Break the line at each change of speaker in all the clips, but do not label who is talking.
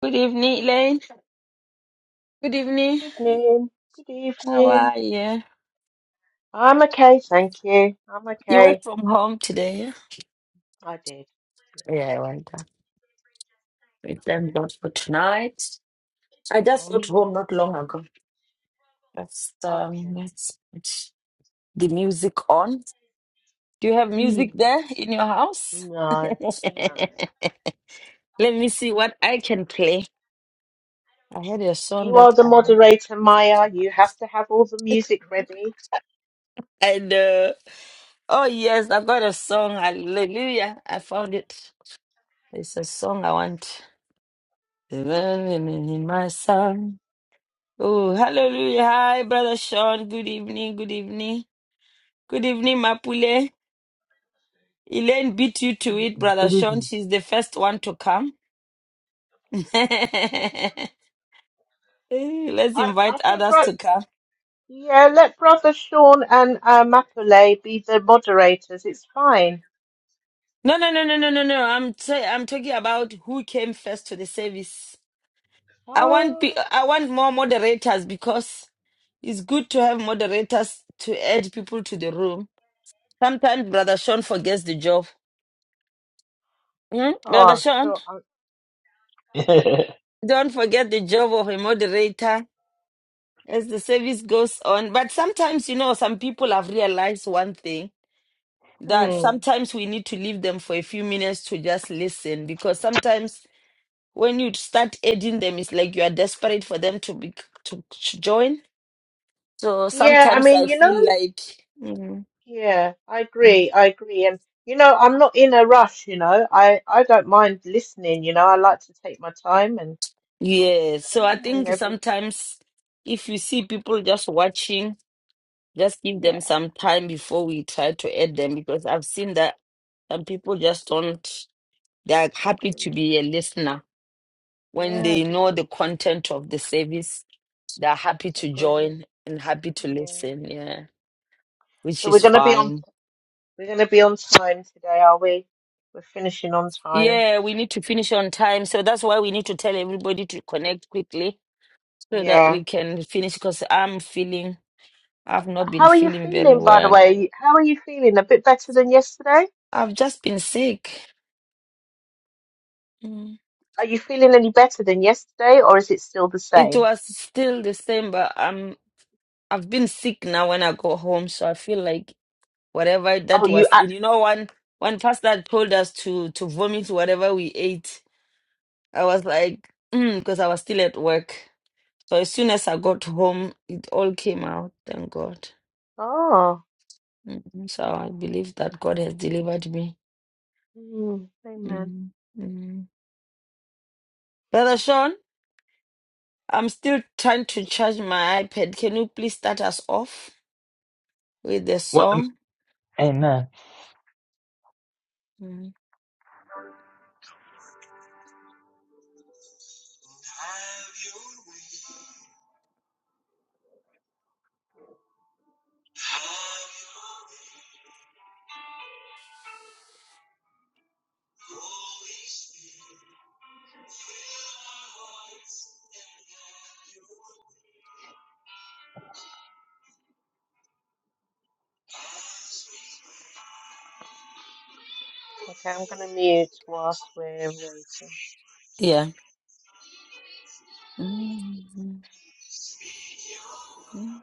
Good evening, Elaine. Good evening.
Evening. Good
How
evening.
are you?
I'm okay, thank you. I'm
You work
okay.
from home today, yeah?
I did.
Yeah, I went there. We thank God for tonight. I
Yeah.
just got home
Mm,
not long ago. Just um,
Okay.
let's put the music on. Do you have
Mm,
music there in your house?
No,
Let
no.
me see what I can play. I had a song
You are
that
the
I want.
moderator, Maya. You have to have all the music ready.
And uh, oh yes, I've got a song. Hallelujah. I found it. It's a song I want. Living in my son. Oh, hallelujah. Hi, Brother Sean. Good evening. Good evening. Good evening, Mapule. Elaine beat you to it, Brother
Good
Sean.
evening.
She's the first one to come. Eh, Let's
I, I
invite
think,
others
right,
to come.
yeah, let Brother Sean and uh, Mapule be the moderators. It's fine.
No, no, no, no, no, no, no. I'm say I'm talking about who came first to the service. I want
Oh,
pe- I want more moderators because it's good to have moderators to add people to the room. Sometimes Brother Sean forgets the job. Hmm?
oh
Brother
I'm
Sean,
sure. I'm,
don't forget the job of a moderator as the service goes on. But sometimes, you know, some people have realized one thing that
hmm.
sometimes we need to leave them for a few minutes to just listen because sometimes when you start aiding them, it's like you are desperate for them to be to, to join. So
Yeah, I
sometimes I
mean, you know.
feel like, mm,
Yeah, I
mm.
agree. I agree. And you know, I'm not in a rush, you know. I I don't mind listening, you know. I like to take my time and listen
yeah. So I
and
think
everything.
sometimes if you see people just watching, Just give
Yeah,
them some time before we try to add them because I've seen that some people just don't, they're happy to
agreed.
be a listener. When
Yeah,
they know
agreed.
the content of the service, they're happy to
Agreed.
join and happy to
Yeah.
listen. Yeah, which
So we're
is
gonna be on
fine.
we're gonna be on time today, are we? We're finishing on time.
Yeah, we need to finish on time. So that's why we need to tell everybody to connect quickly so that
Yeah.
we can finish because I'm feeling, I've not been
How are you
feeling very
feeling, by the
well.
way? How are you feeling? A bit better than yesterday?
I've just been sick. Mm.
Are you feeling any better than yesterday, or is it still the
It
same?
was still the same, but I'm. I've been sick now when I go home, so I feel like whatever that
Oh, you
was in.
act.
You know, one one pastor told us to to vomit whatever we ate. I was like, because I was still at work. So as soon as I got home, it all came out. Thank God.
Oh.
Mhm. So I believe that God has delivered me.
Mm, amen.
mm mm. Brother Sean, I'm still trying to charge my iPad. Can you please start us off with the
what? the-
song?
Amen.
Mm.
Okay, I'm going to mute whilst we're waiting.
Yeah. Mm, mm, mm.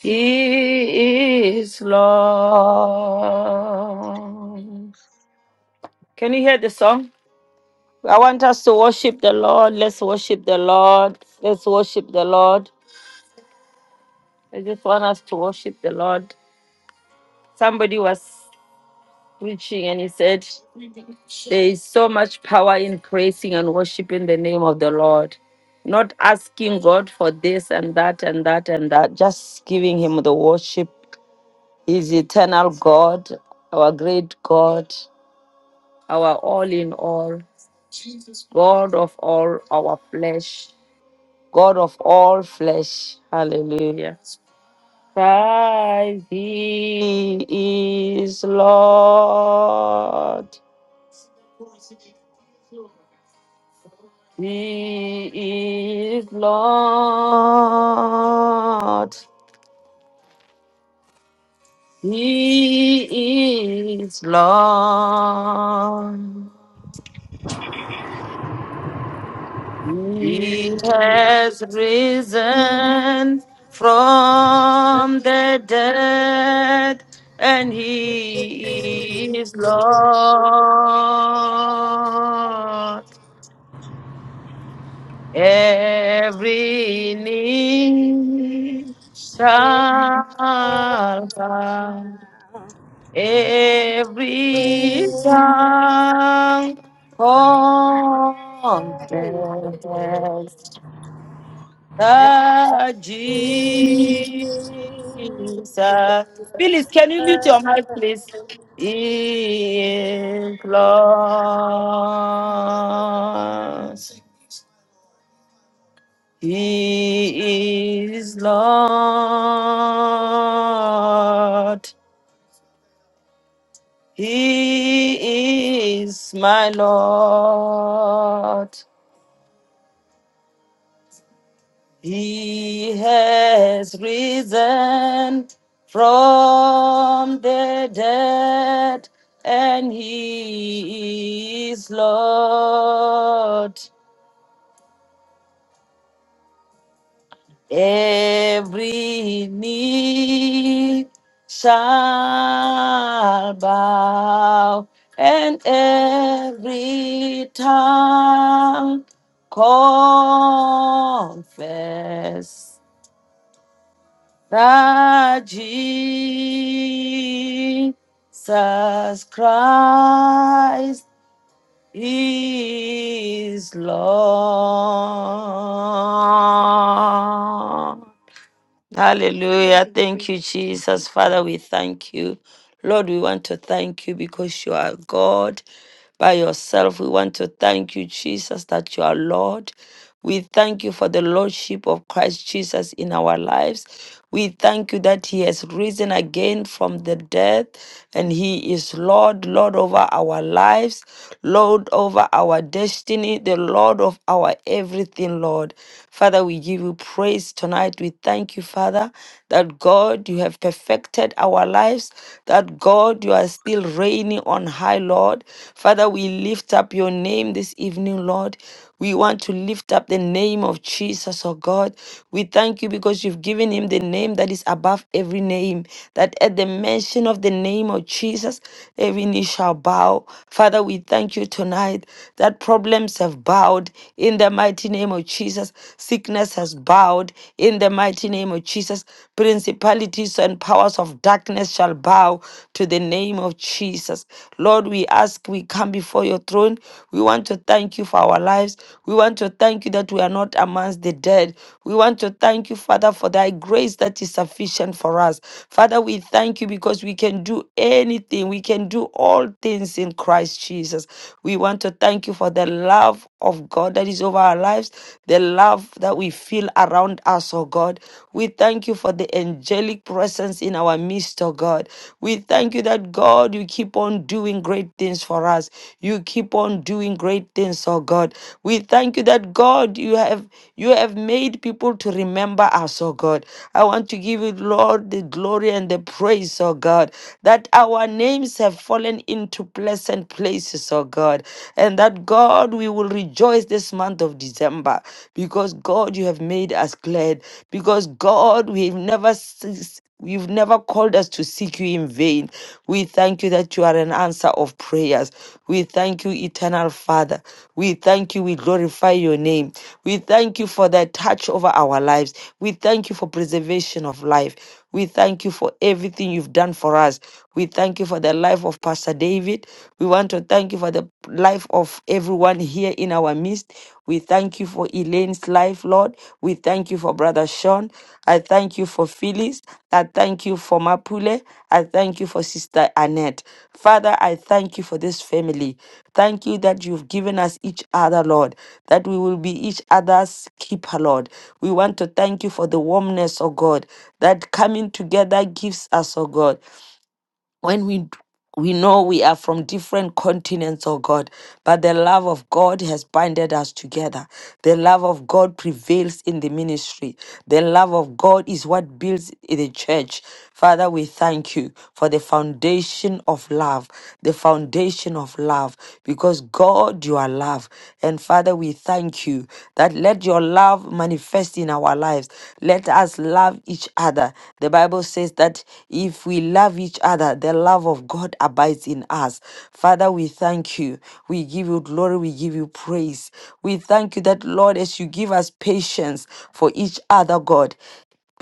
He is Lord. Can you hear the song? I want us to worship the Lord. Let's worship the Lord. Let's worship the Lord. I just want us to worship the Lord. Somebody was preaching and he said, There is so much power in praising and worshiping the name of the Lord. Not asking God for this and that and that and that, just giving Him the worship. He's eternal God, our great God. our all in all, God of all our flesh, God of all flesh. Hallelujah. Christ, He is Lord. He is Lord. He is Lord. He
Amen.
has risen from the dead, and he is Lord. Every knee shall bow, every tongue confess Ah, Jesus. Phyllis, can you mute your mic, please? Implores. He is Lord. He is my Lord. He has risen from the dead, and he is Lord. Every knee shall bow, and every tongue confess that Jesus Christ is Lord. Hallelujah. Thank you, Jesus. Father, we thank you. Lord, we want to thank you because you are God by yourself. We want to thank you, Jesus, that you are Lord. We thank you for the Lordship of Christ Jesus in our lives. We thank you that He has risen again from the dead and He is Lord, Lord over our lives, Lord over our destiny, the Lord of our everything, Lord. Father, we give you praise tonight. We thank you, Father, that God, you have perfected our lives, that God, you are still reigning on high, Lord. Father, we lift up your name this evening, Lord. We want to lift up the name of Jesus, oh God. We thank you because you've given him the name that is above every name, that at the mention of the name, name of Jesus, every knee shall bow. Father, we thank you tonight that problems have bowed in the mighty name of Jesus. Sickness has bowed in the mighty name of Jesus. Principalities and powers of darkness shall bow to the name of Jesus. Lord, we ask, we come before your throne. We want to thank you for our lives. We want to thank you that we are not amongst the dead. We want to thank you, Father, for thy grace that is sufficient for us. Father, we thank you because we can do do anything. We can do all things in Christ Jesus. We want to thank you for the love of God that is over our lives, the love that we feel around us, oh God. We thank you for the angelic presence in our midst, oh God. We thank you that, God, you keep on doing great things for us. You keep on doing great things, oh God. We thank you that, God, you have you have made people to remember us, oh God. I want to give you, Lord, the glory and the praise, oh God. God, that our names have fallen into pleasant places, oh God, and that God, we will rejoice this month of December because God, you have made us glad, because God, we've never ceased- You've never called us to seek you in vain. We thank you that you are an answer of prayers. We thank you, eternal Father. We thank you. We glorify your name. We thank you for that touch over our lives. We thank you for preservation of life. We thank you for everything you've done for us. We thank you for the life of Pastor David. We want to thank you for the life of everyone here in our midst. We thank you for Elaine's life, Lord. We thank you for Brother Sean. I thank you for Phyllis. I thank you for Mapule. I thank you for Sister Annette. Father, I thank you for this family. Thank you that you've given us each other, Lord, that we will be each other's keeper, Lord. We want to thank you for the warmness, oh God, that coming together gives us, oh God when we we know we are from different continents, oh God, but the love of God has binded us together. The love of God prevails in the ministry. The love of God is what builds i- the church. Father, we thank you for the foundation of love, the foundation of love, because God, you are love love. And Father, we thank you that let your love manifest in our lives. Let us love each other. The Bible says that if we love each other, the love of God abides in us. Father, we thank you. We give you glory. We give you praise. We thank you that, Lord, as you give us patience for each other, God,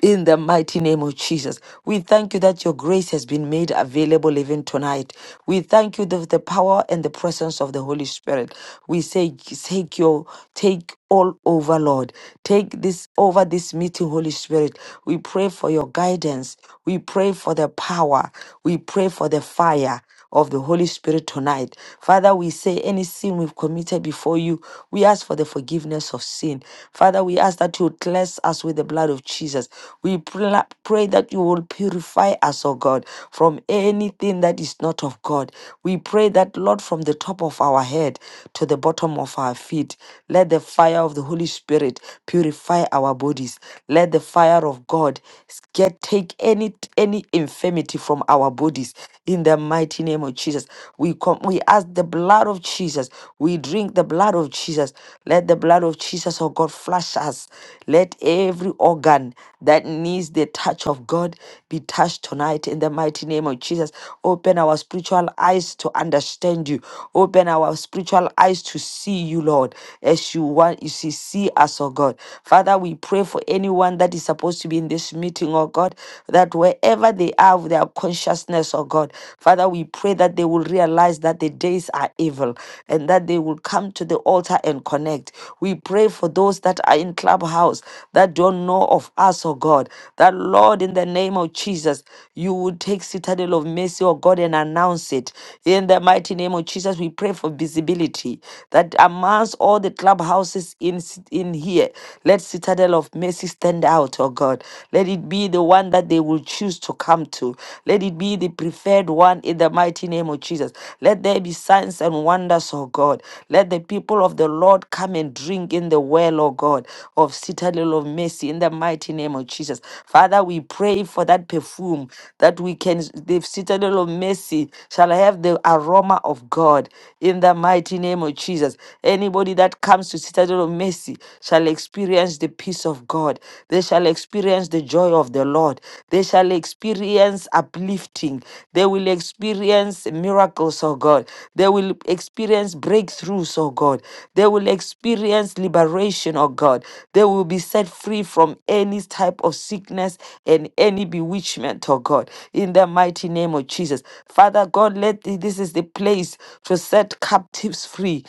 in the mighty name of Jesus, we thank you that your grace has been made available even tonight. We thank you for the power and the presence of the Holy Spirit. We say, take your, take all over, Lord. Take this over this meeting, Holy Spirit. We pray for your guidance. We pray for the power. We pray for the fire of the Holy Spirit tonight. Father, we say any sin we've committed before you, we ask for the forgiveness of sin. Father, we ask that you would cleanse us with the blood of Jesus. We pla- pray that you will purify us, O God, from anything that is not of God. We pray that, Lord, from the top of our head to the bottom of our feet, let the fire of the Holy Spirit purify our bodies. Let the fire of God get take any any infirmity from our bodies in the mighty name of Jesus. We come, we ask the blood of Jesus. We drink the blood of Jesus. Let the blood of Jesus, oh God, flush us. Let every organ that needs the touch of God be touched tonight in the mighty name of Jesus. Open our spiritual eyes to understand you. Open our spiritual eyes to see you, Lord, as you want you see, see us, oh God. Father, we pray for anyone that is supposed to be in this meeting, oh God, that that wherever they are with their consciousness, oh God, Father, we pray that they will realize that the days are evil and that they will come to the altar and connect. We pray for those that are in clubhouse that don't know of us, oh God, that Lord, in the name of Jesus, you would take citadel of mercy, oh God, and announce it. In the mighty name of Jesus, we pray for visibility that amongst all the clubhouses in, in here, let citadel of mercy stand send out, oh God. Let it be the one that they will choose to come to. Let it be the preferred one in the mighty name of Jesus. Let there be signs and wonders, oh God. Let the people of the Lord come and drink in the well, oh God, of citadel of mercy in the mighty name of Jesus. Father, we pray for that perfume that we can, the citadel of mercy shall have the aroma of God in the mighty name of Jesus. Anybody that comes to citadel of mercy, mercy shall experience the peace of God. They shall experience the joy of the Lord. They shall experience uplifting. They will experience miracles, oh God. They will experience breakthroughs, oh God. They will experience liberation, oh God. They will be set free from any type of sickness and any bewitchment, oh God. In the mighty name of Jesus. Father God, let this is the place to set captives free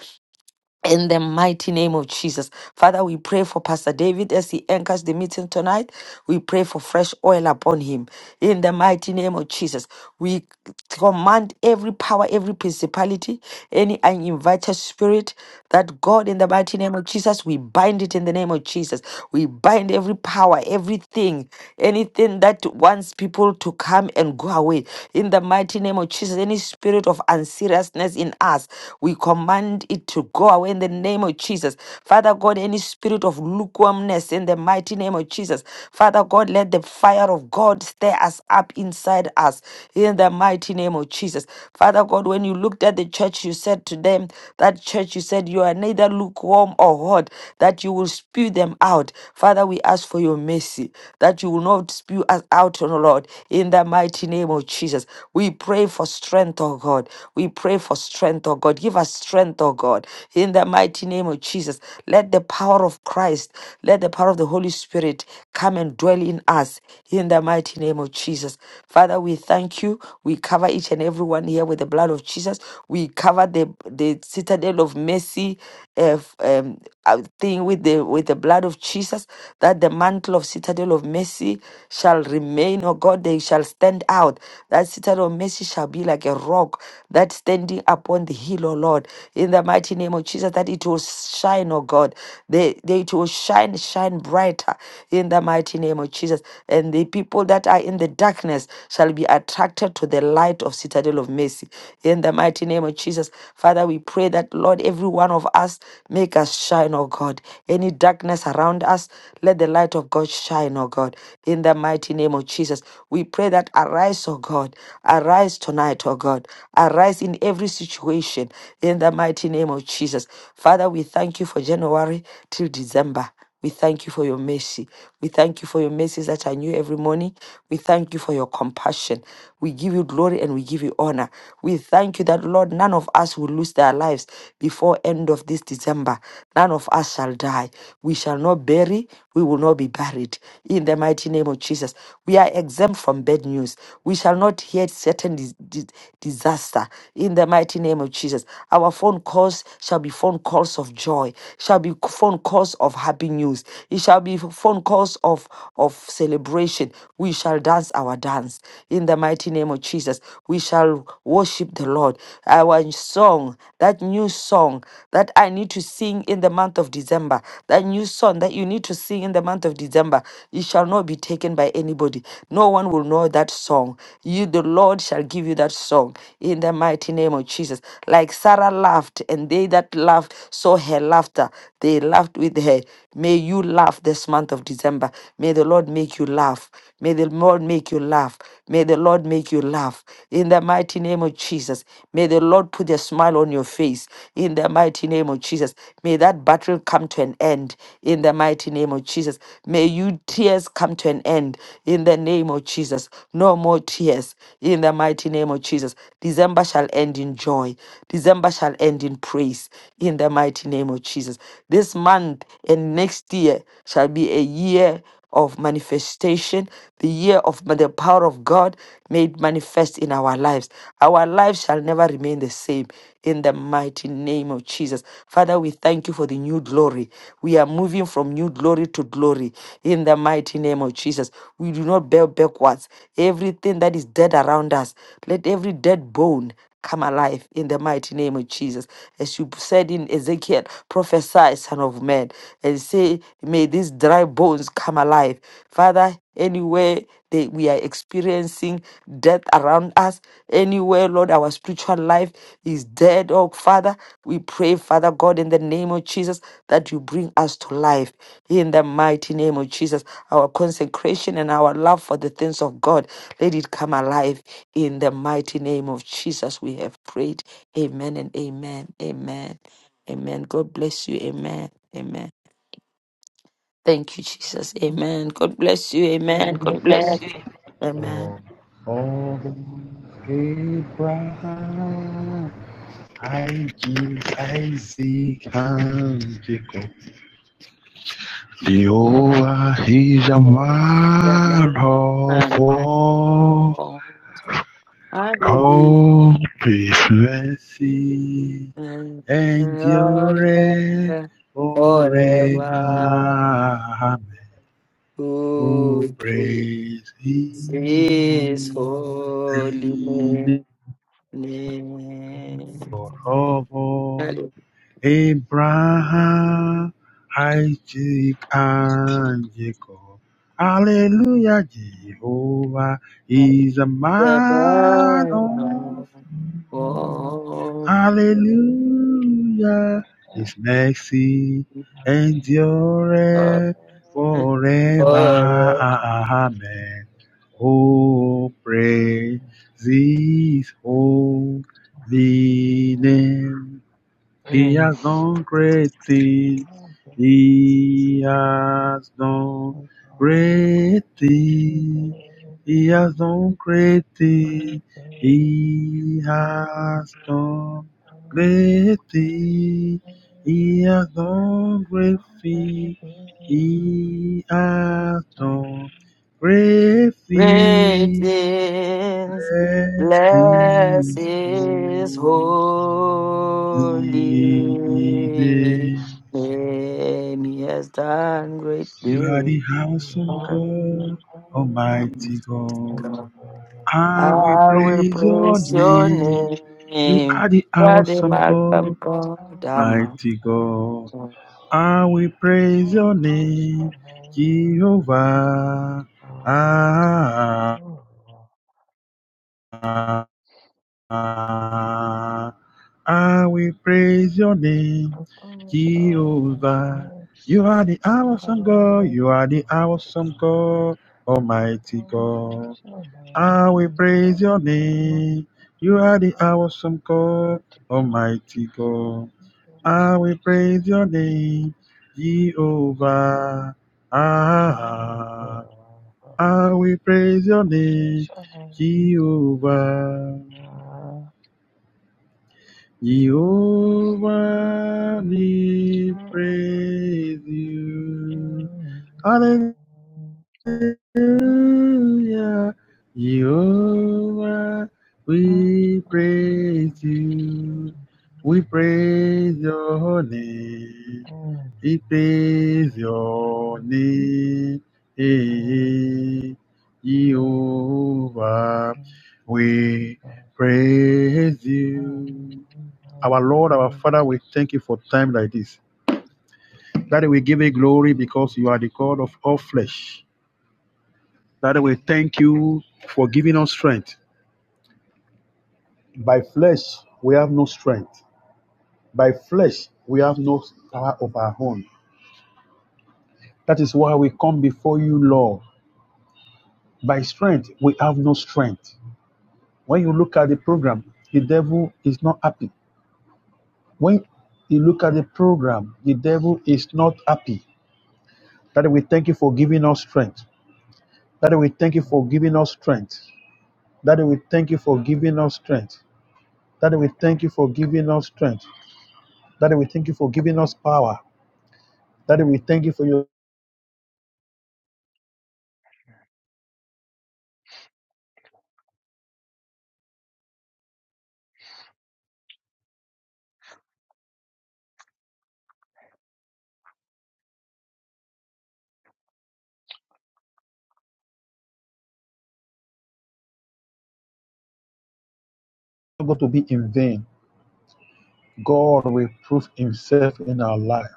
in the mighty name of Jesus. Father, we pray for Pastor David as he anchors the meeting tonight. We pray for fresh oil upon him. In the mighty name of Jesus, we command every power, every principality, any uninvited spirit that God, in the mighty name of Jesus, we bind it in the name of Jesus. We bind every power, everything, anything that wants people to come and go away. In the mighty name of Jesus, any spirit of unserious righteousness in us. We command it to go away in the name of Jesus. Father God, any spirit of lukewarmness in the mighty name of Jesus. Father God, let the fire of God stir us up inside us in the mighty name of Jesus. Father God, when you looked at the church, you said to them, that church, you said, you are neither lukewarm or hot, that you will spew them out. Father, we ask for your mercy, that you will not spew us out, O Lord, in the mighty name of Jesus. Jesus. We pray for strength, oh God. We pray for strength, oh God. Give us strength, oh God. In the mighty name of Jesus, let the power of Christ, let the power of the Holy Spirit come and dwell in us. In the mighty name of Jesus. Father, we thank you. We cover each and everyone here with the blood of Jesus. We cover the, the citadel of mercy uh, f- um, uh, thing with the with the blood of Jesus, that the mantle of citadel of mercy shall shall remain, oh God, they shall stand out. That citadel of mercy shall be like a rock that standing upon the hill, oh Lord. In the mighty name of Jesus, that it will shine, oh God. They, they it will shine, shine brighter in the mighty name of Jesus. And the people that are in the darkness shall be attracted to the light of citadel of mercy. In the mighty name of Jesus, Father, we pray that, Lord, every one of us make us shine, oh God. Any darkness around us, let the light of God shine, oh God, in the mighty name of Jesus. We pray that arise, oh God, arise tonight, oh God, arise in every situation, in the mighty name of Jesus. Father, we thank you for January till December. We thank you for your mercy. We thank you for your mercies that are new every morning. We thank you for your compassion. We give you glory and we give you honor. We thank you that, Lord, none of us will lose their lives before end of this December. None of us shall die. We shall not bury. We will not be buried. In the mighty name of Jesus, we are exempt from bad news. We shall not hear certain dis- dis- disaster. In the mighty name of Jesus, our phone calls shall be phone calls of joy, shall be phone calls of happy news. It shall be phone calls of, of celebration, we shall dance our dance. In the mighty name of Jesus, we shall worship the Lord. Our song, that new song that I need to sing in the month of December, that new song that you need to sing in the month of December, it shall not be taken by anybody. No one will know that song. You, the Lord, shall give you that song in the mighty name of Jesus. Like Sarah laughed, and they that laughed saw her laughter. They laughed with her. May you laugh this month of December. May the Lord make you laugh. May the Lord make you laugh. May the Lord make you laugh. In the mighty name of Jesus, may the Lord put a smile on your face. In the mighty name of Jesus, may that battle come to an end. In the mighty name of Jesus, may you tears come to an end. In the name of Jesus, no more tears. In the mighty name of Jesus, December shall end in joy. December shall end in praise. In the mighty name of Jesus, this month and next year shall be a year of manifestation, the year of ma- the power of God made manifest in our lives. Our lives shall never remain the same in the mighty name of Jesus. Father, we thank you for the new glory. We are moving from new glory to glory in the mighty name of Jesus. We do not bear backwards. Everything that is dead around us, let every dead bone come alive in the mighty name of Jesus. As you said in Ezekiel, prophesy, Son of Man, and say, May these dry bones come alive. Father, anywhere that we are experiencing death around us, anywhere, Lord, our spiritual life is dead, oh Father, we pray, Father God, in the name of Jesus, that you bring us to life. In the mighty name of Jesus, our consecration and our love for the things of God, let it come alive. In the mighty name of Jesus, we have prayed. Amen and amen. Amen. Amen. God bless you. Amen. Amen. Thank you, Jesus. Amen. God bless you. Amen. Amen. Amen.
Oh, Abraham, Isaac, Isaac, Jacob. Jehovah is a man
Amen.
of
Amen.
war,
Hallelujah.
of his mercy
and
endure
forever
forever. Amen. Oh,
who is
praise his
his
holy
holy name.
name.
Hallelujah.
Abraham, Isaac, and Jacob. Hallelujah, Jehovah is a
The
man of
man
war.
of
Hallelujah, His mercy endureth forever.
war.
Amen. Oh, praise His holy name. He has done great things. He has done great things. He has done great things. He has done great things. He has done great things. He has done great
Great
things.
is,
Bless
bless
his
his
holy
holy name.
Leading.
He has done great
You are
things.
the awesome
Um,
God,
Mm.
Almighty
I wanna
God. I will
I will
praise your
praise your
name. You
name.
are the awesome God, mighty God. I will praise your name, Jehovah. Ah, ah, ah. Ah, I will praise your name, Jehovah. You are the awesome God. You are the awesome God, Almighty God. I will praise your name. You are the awesome God, Almighty God. I will praise your name, Jehovah. Ah, I will praise your name, Jehovah.
Thank you,
Jehovah,
God. Mighty
we
God.
praise
Amen. Amen.
you. Hallelujah. Jehovah, we praise you. We praise your name. We praise your name. Hey, Jehovah, we praise you. Our Lord, our Father, we thank you for time like this. Daddy, we give you glory because you are the God of all flesh. Daddy, we thank you for giving us strength. By flesh, we have no strength. By flesh, we have no power of our own. That is why we come before you, Lord. By strength, we have no strength. When you look at the program, the devil is not happy. When you look at the program, the devil is not happy. Daddy, we thank you for giving us strength. Daddy, we thank you for giving us strength. Daddy, we thank you for giving us strength. Daddy, we thank you for giving us strength. Daddy, we thank you for giving us power. Daddy, we thank you for your struggle to be in vain. God will prove himself in our life.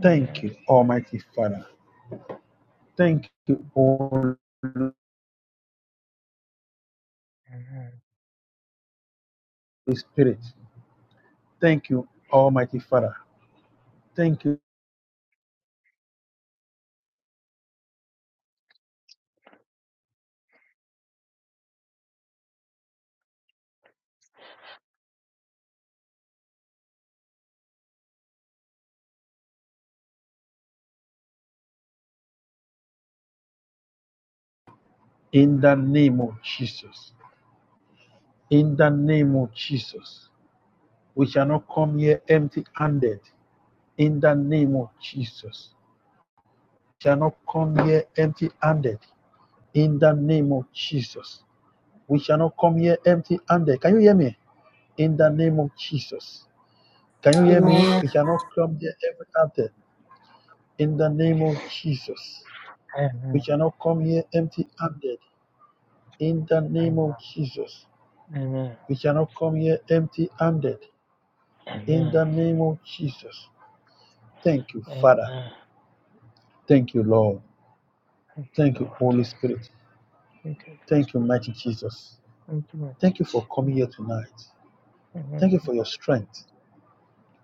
Thank you, Almighty Father. Thank you, Holy Spirit. Thank you, Almighty Father. Thank you in the name of Jesus. In the name of Jesus. We shall not come here empty handed. in the name of Jesus. Shall not come here empty handed in the name of Jesus. We shall not come here empty handed. Can you hear me? In the name of Jesus. Can you hear me? We shall not come here empty handed in the name of Jesus. We shall not come here empty handed in the name of
Amen.
Jesus. We shall not come here empty handed in
Amen.
the name of Jesus. Thank you, Father.
Amen.
Thank you, Lord.
Thank you,
Thank you,
Lord.
Holy Spirit.
Thank you,
Thank you,
Jesus.
mighty Jesus.
Thank you, my
Thank you for
teacher.
coming here tonight. Thank
Amen.
you for your strength.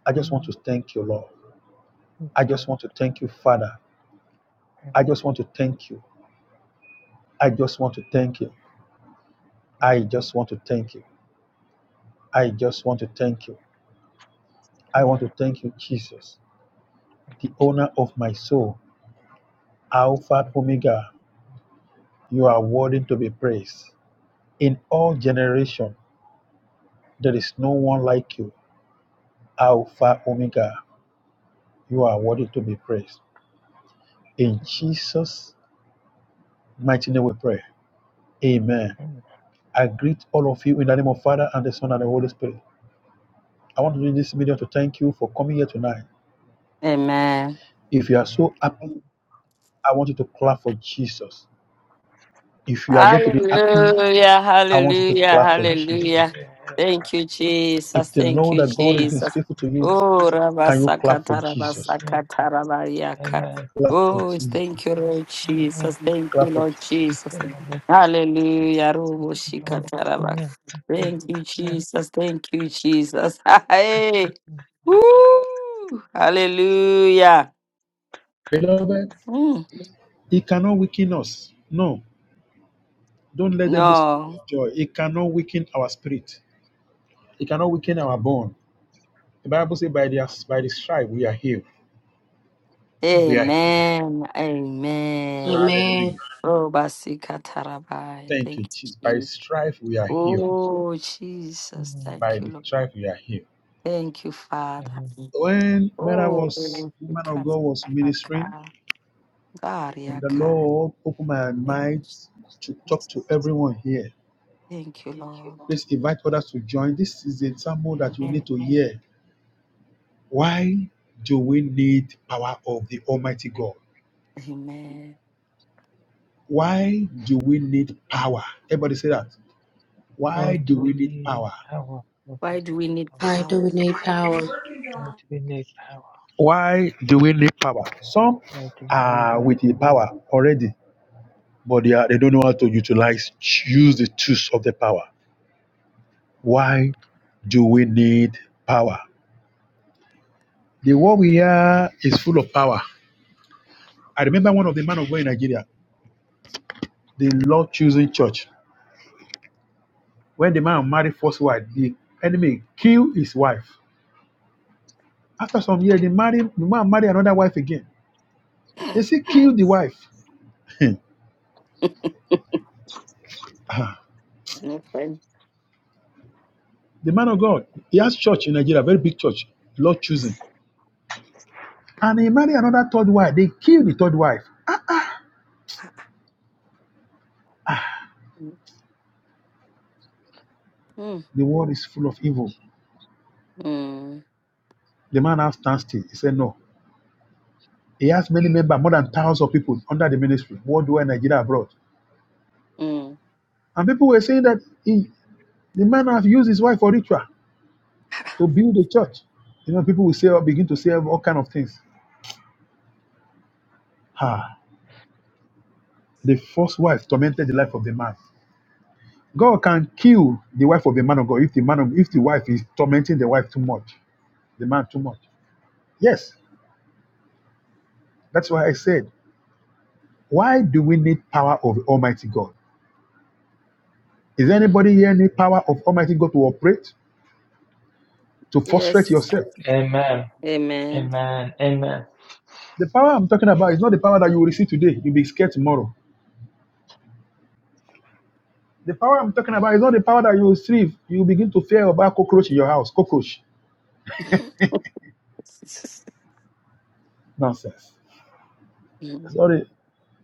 I just want to
Amen.
thank you, Lord.
Thank
I
you,
just
Lord.
want to thank you, Father. I just
Amen.
want to thank you. I just want to thank you. I just want to thank you. I just want to thank you. I want to thank you, Jesus, the owner of my soul, Alpha and Omega. You are worthy to be praised. In all generation, there is no one like you, Alpha Omega. You are worthy to be praised. In Jesus' mighty name we pray. Amen. I greet all of you in the name of Father and the Son and the Holy Spirit. I want to do this video to thank you for coming here tonight.
Amen.
If you are so happy, I want you to clap for Jesus. If you are going to be happy,
Hallelujah,
I want you to
hallelujah,
clap for Jesus.
hallelujah. Thank you, Jesus.
If they
Thank
know
you,
that God is being
Jesus.
faithful to you,
Oh,
can you clap for
Rabasakata,
Jesus?
Rabasakata, Rabayaka.
Clap for
Oh,
Jesus.
thank you, Lord Jesus. Thank
Clap
you,
for
Lord
Jesus.
Jesus. Hallelujah. Rubo Shikata, Rabak. Thank you, Jesus. Thank you, Jesus. Hey. Woo. Hallelujah.
Beloved,
Mm.
it cannot weaken us. No, don't let devil steal
No.
your joy. It cannot weaken our spirit. It cannot weaken our bone. The Bible says, "By the by the stripe we are healed." We are healed.
Amen. Amen.
Amen.
Hallelujah.
Oh, Basikatarabai.
Thank
Thank
you, Jesus. By
you,
his
Jesus.
strife we are healed.
Oh, Jesus.
By
Thank you,
the
Lord.
strife we are healed.
Thank you, Father.
When Mary
Oh,
was woman of God was ministering,
Basikatarabai.
when the
Dariakai.
Lord opened my
Thank you,
mind to talk to
Jesus.
everyone here,
Thank you, Lord.
please invite others to join. This is the example that you
Amen.
need to hear. Why do we need power of the Almighty God?
Amen.
Why do we need power? Everybody say that.
Or
Why
to
do
be
we need
need
power?
power, or to
Why do we need
Why
power?
do we need power?
be need power,
Why do we need power? Some
or to be need
are
power.
with the power already, but they, are, they don't know how to utilize, use the tools of the power. Why do we need power? The world we are is full of power. I remember one of the man of God in Nigeria, the Lord choosing church. When the man married first wife, the enemy killed his wife. After some years, they married, the man married another wife again. They say kill the wife. Ah,
My friend.
the man of God, he has church in Nigeria, very big church, Lord choosing. And he married another third wife. They killed the third wife.
Mm,
The world is full of evil.
mm,
The man now stands still. He said, No. He has many members, more than thousands of people under the ministry, worldwide, Nigeria, abroad.
mm.
And people were saying that he, the man has used his wife for ritual to build a church. You know, people will say, begin to say all kind of things. Ah, the first wife tormented the life of the man. God can kill the wife of the man of God if the man of, if the wife is tormenting the wife too much, the man too much. Yes, that's why I said Why do we need power of Almighty God? Is anybody here need power of Almighty God to operate, to frustrate
Yes.
yourself?
Amen.
Amen.
Amen. Amen.
The power I'm talking about is not the power that you will receive today. You'll be scared tomorrow. The power I'm talking about is not the power that you will receive. You will begin to fear about cockroach in your house. Cockroach. Nonsense.
Mm.
Sorry.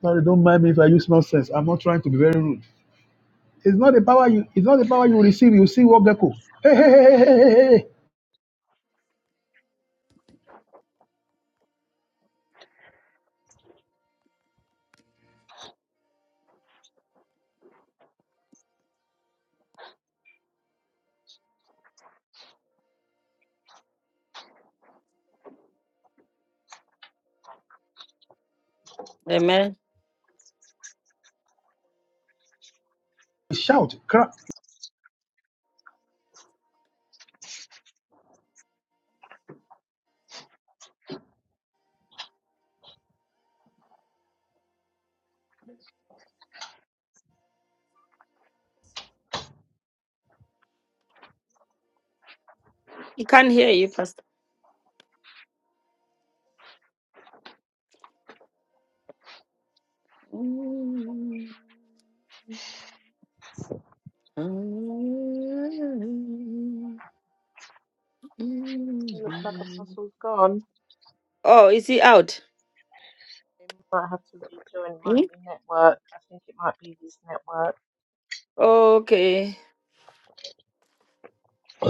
Sorry, don't mind me if I use nonsense. I'm not trying to be very rude. It's not the power you it's not the power you will receive. You see what gecko. Hey, hey, hey, hey, hey, hey, hey. hey,
Amen.
hey. Shout, cry.
He can't hear you, Pastor. Mm. Hmm?
It looks like Apostle's gone.
Oh, is he out?
He might have to rejoin. It
Hmm?
might be network. I think it might be his network.
Okay.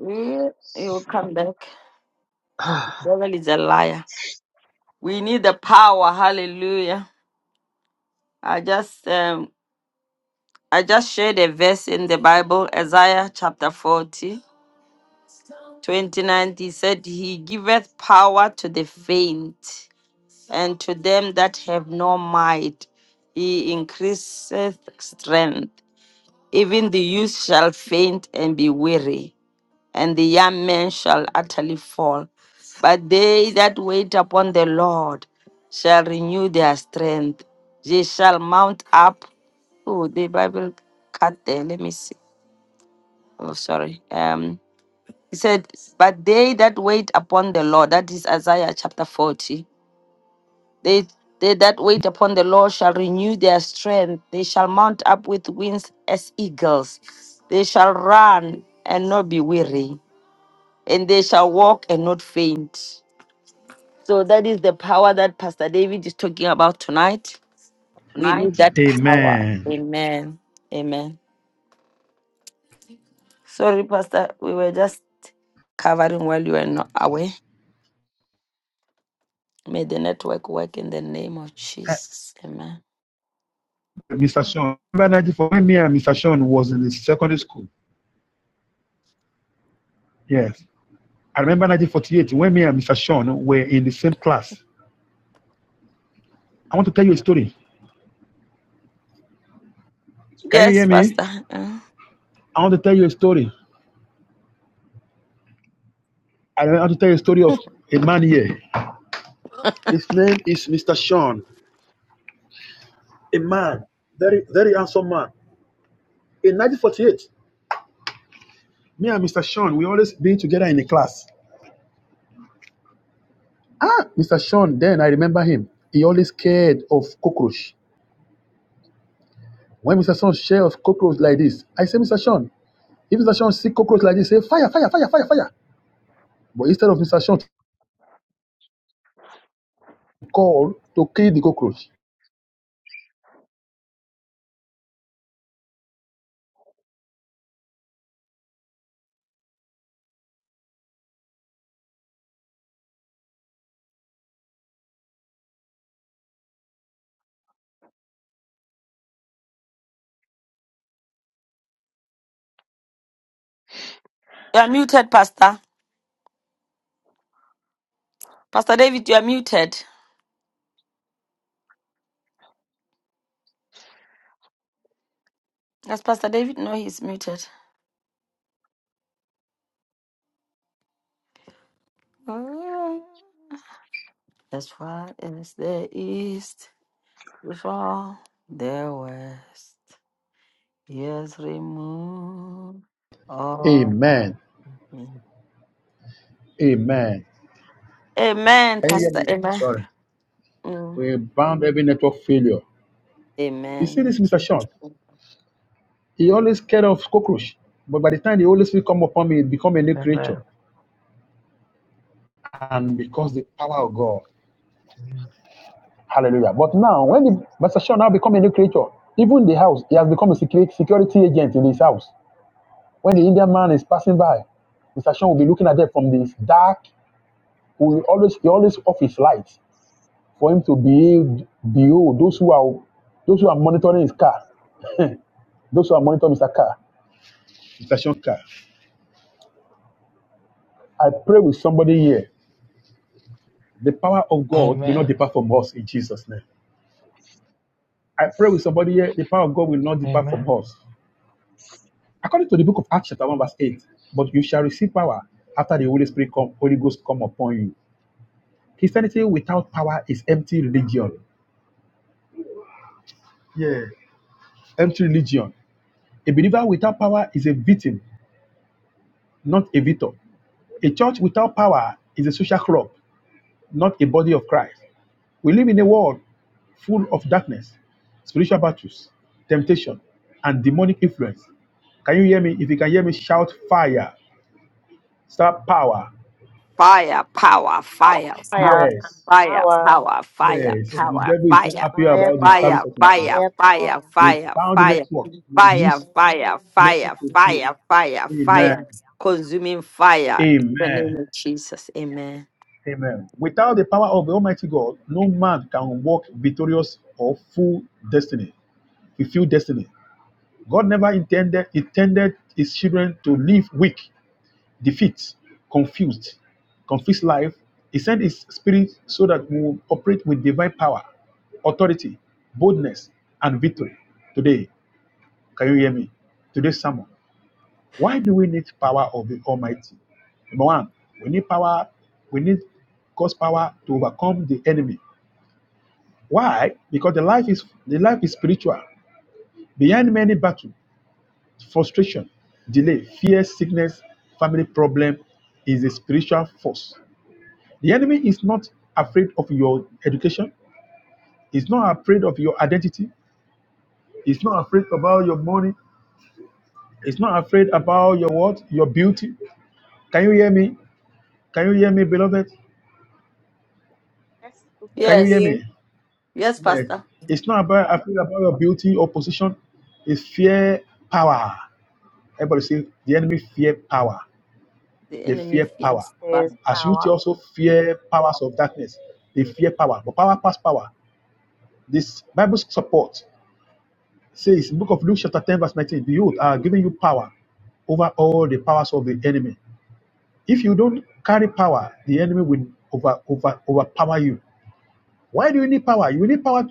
Yeah, He'll come back. Devil is a liar. We need the power. Hallelujah. I just um I just shared a verse in the Bible, Isaiah chapter 40, 29. He said, He giveth power to the faint, and to them that have no might, he increaseth strength. Even the youth shall faint and be weary, and the young men shall utterly fall. But they that wait upon the Lord shall renew their strength. They shall mount up. Oh, the Bible cut there. Let me see. Oh, sorry. Um, he said, But they that wait upon the Lord, that is Isaiah chapter 40 they, they that wait upon the Lord shall renew their strength. They shall mount up with wings as eagles. They shall run and not be weary, and they shall walk and not faint. So that is the power that Pastor David is talking about tonight. We need that power.
Amen.
Amen. Amen. Sorry, Pastor, we were just covering while you were not away. May the network work in the name of Jesus. Amen.
Mr. Sean. I remember 1948 when me and Mr. Sean was in the secondary school. Yes. I remember 1948 when me and Mr. Sean were in the same class. I want to tell you a story. Can you hear
Yes,
me?
Pastor. Mm.
I want to tell you a story. I want to tell you a story of a man here. His name is Mr. Sean. A man, very, very handsome man. In 1948, me and Mr. Sean, we always been together in the class. Ah, Mr. Sean, then I remember him. He always scared of cockroach. When Mr. Sean shared of cockroach like this, I say, Mr. Sean, If Mr. Sean see cockroach like this, say fire, fire, fire, fire, fire. But instead of Mr. Sean to call to kill the cockroach.
You are muted, Pastor. Pastor David, you are muted. Does Pastor David know he's muted? As far as the east before the west, he has removed all that.
Amen.
sin.
Amen.
Amen,
Can you hear
Pastor.
me?
Amen.
Sorry.
Mm.
We bound every network failure. You see
Amen.
this, Mr.
Jesus.
Sean? He always scared of cockroach. But by the time the Holy Spirit come upon me, it become a new creature.
Amen.
And because the power of God.
Amen.
Hallelujah. But now, when the, Mr. Sean now become a new creature, even the house, he has become a security security agent in his house. When the Indian man is passing by, Mr. Sean will be looking at them from this dark We always he always off his lights for him to behave behold those who are those who are monitoring his car, those who are monitoring Mr. Car, Mr. Sean Car. I pray with somebody here. The power of God will not
Amen.
depart from us in Jesus' name. I pray with somebody here. The power of God will not depart from
Amen.
us. According to the book of Acts, chapter 1, verse 8, but you shall receive power after the Holy Spirit come, Holy Ghost come upon you. Christianity without power is empty religion. Yeah. Empty religion. A believer without power is a victim, not a victor. A church without power is a social club, not a body of Christ. We live in a world full of darkness, spiritual battles, temptation, and demonic influence. Can you hear me? If you can hear me, shout fire, start power.
Fire, power, fire, power,
Fire and
Yes,
fire,
power.
power, fire,
yes. The
power,
devil is not
fire.
happy
Fire,
about the
power.
fire,
service of tonight.
fire,
Fire,
fire,
power.
We
fire,
bound the
fire,
network. We
fire,
release
Amen.
fire,
network
fire,
to flow.
fire, fire,
Amen.
fire, consuming fire. In the
Amen.
name of Jesus, amen.
Amen. Without the power of the Almighty God, no man can walk victorious or full destiny, fulfill destiny. God never intended intended his children to live weak, defeat, confused, confused life. He sent his spirit so that we will operate with divine power, authority, boldness, and victory. Today, can you hear me? Today's sermon. Why do we need power of the Almighty? Number one, we need power, we need God's power to overcome the enemy. Why? Because the life is the life is spiritual. Behind many battles frustration, delay, fear, sickness, family problem is a spiritual force. The enemy is not afraid of your education, he's not afraid of your identity, he's not afraid about your money, he's not afraid about your what? Your beauty. Can you hear me? Can you hear me, beloved?
Yes, we can
Can you
hear
hear
Yes,
you.
me?
yes,
Yeah.
Pastor.
It's not about afraid about your beauty or position, it's fear power. Everybody say the enemy fear power.
The
They
enemy
fear power.
feels
There's
fire.
As youth, you
power.
also fear powers of darkness. They fear power, but power past power. This Bible support says, Book of Luke, chapter 10, verse 19, Behold, I have given you power over all the powers of the enemy. If you don't carry power, the enemy will over, over, overpower you. Why do you need power? You need power.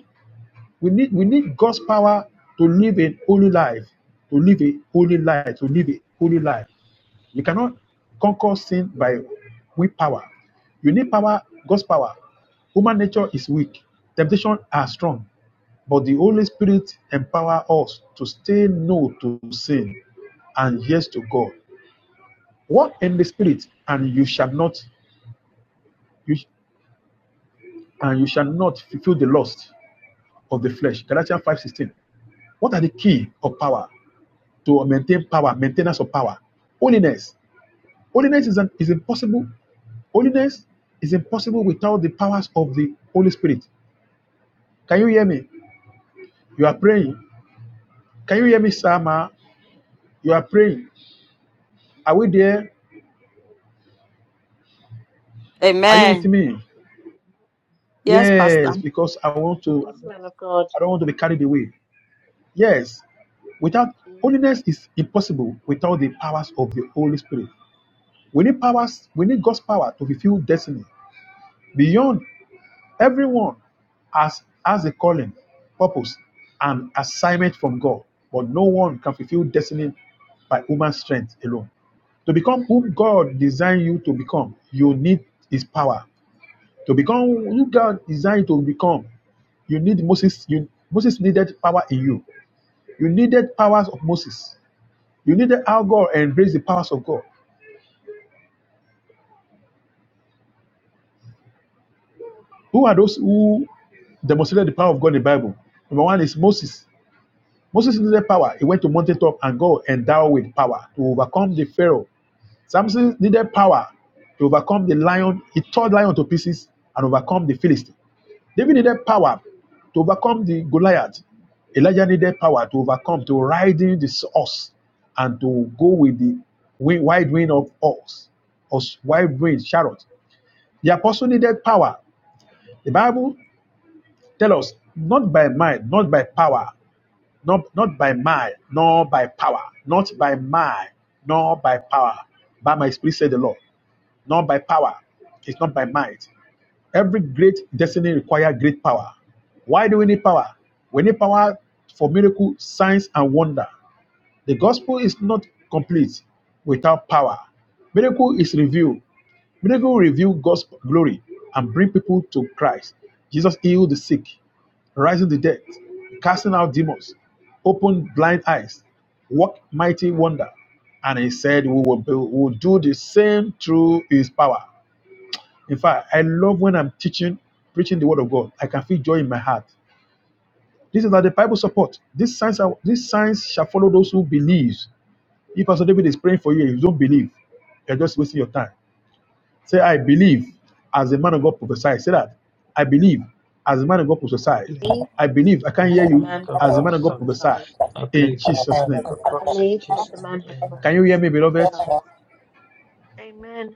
We need we need God's power to live a holy life, to live a holy life, to live a holy life. You cannot conquer sin by weak power. You need power, God's power. Human nature is weak. Temptation are strong. But the Holy Spirit empower us to say no to sin and yes to God. Walk in the Spirit, and you shall not you and you shall not fulfill the lust of the flesh. Galatians 5:16. What are the key of power to maintain power, maintenance of power? Holiness. Holiness is an, is impossible Holiness is impossible without the powers of the Holy Spirit. Can you hear me? You are praying. Can you hear me, Sama? You are praying. Are we there? Are you with
Amen.
me?
Yes, Pastor.
Yes, because I want to.
Yes, man of God.
I don't want to be carried away. Yes, without
Thank you.
holiness is impossible without the powers of the Holy Spirit. We need powers. We need God's power to fulfill destiny. Beyond Everyone has, has a calling, purpose, and assignment from God, but no one can fulfill destiny by human strength alone. To become whom God designed you to become, you need His power. To become who God designed you to become, you need Moses. You, Moses needed power in you. You needed powers of Moses. You needed how God embraced the powers of God. Who are those who demonstrated the power of God in the Bible? Number one is Moses. Moses needed power. He went to mountaintop and God endowed with power to overcome the Pharaoh. Samson needed power to overcome the lion. He tore the lion to pieces and overcome the Philistine. David needed power to overcome the Goliath. Elijah needed power to overcome, to ride in the horse and to go with the wide wind of ox, or wide wind chariot. The apostle needed power. The Bible tells us, not by might, not by power, not, not by might, nor by power, not by might, nor by power, by my spirit, said the Lord, not by power, it's not by might. Every great destiny requires great power. Why do we need power? We need power for miracle, signs, and wonder. The gospel is not complete without power. Miracle is revealed. Miracle reveal God's glory and bring people to Christ. Jesus healed the sick rising the dead, casting out demons, open blind eyes, work mighty wonder. And he said, We will, build, we will do the same through his power. In fact, I love when I'm teaching, preaching the word of God. I can feel joy in my heart. This is how the Bible supports. These signs are these signs shall follow those who believe. If Pastor David is praying for you, and you don't believe, you're just wasting your time. Say, I believe as the man of God prophesied. Say that. I believe as the man of God
I
prophesied.
believe
Believe
I believe I can
as
as
hear
a
the
man
you
of
man
God
pros-
as the man of God
prophesies.
prophesied.
prophesies.
I
In
believe as a
Jesus'
man of
name.
God
I
prophesies. In
believe as
Jesus'
the
name,
man has
amen.
Can you hear
pros-
me, beloved?
prophesied. Amen.